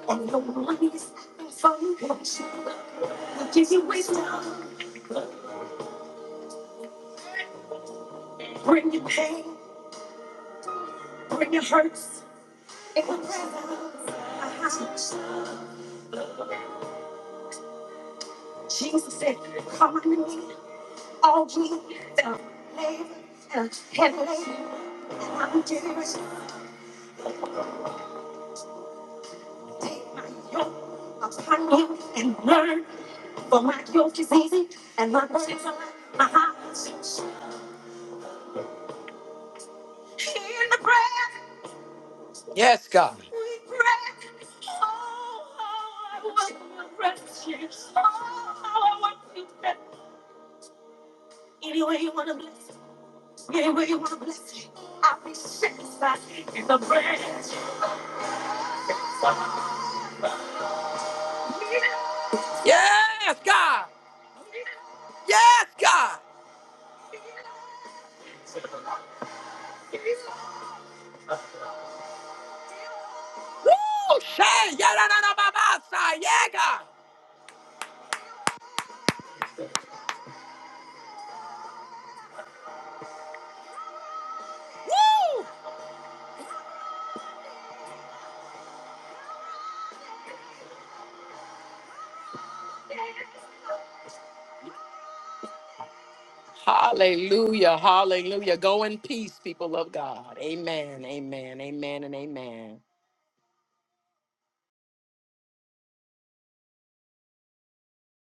S1: and the ones that follow you give you wisdom, bring your pain, bring your hurts. In the presence of my Jesus said, Come unto me, all ye that labor and are heavy laden, and I will give you rest. Take my yoke upon you and learn, for my yoke is easy and my burdens are light. My heart in the breath. Yes, God. I want to bless me. Anyway, you want to bless me. I'll be satisfied in the bread. Yes, God. Yes, God. Woo! Shay, yeah, da, da, da, ba, ba, sa, yeah, God. Woo! Hallelujah. Hallelujah. Go in peace, people of God. Amen. Amen. Amen. And amen.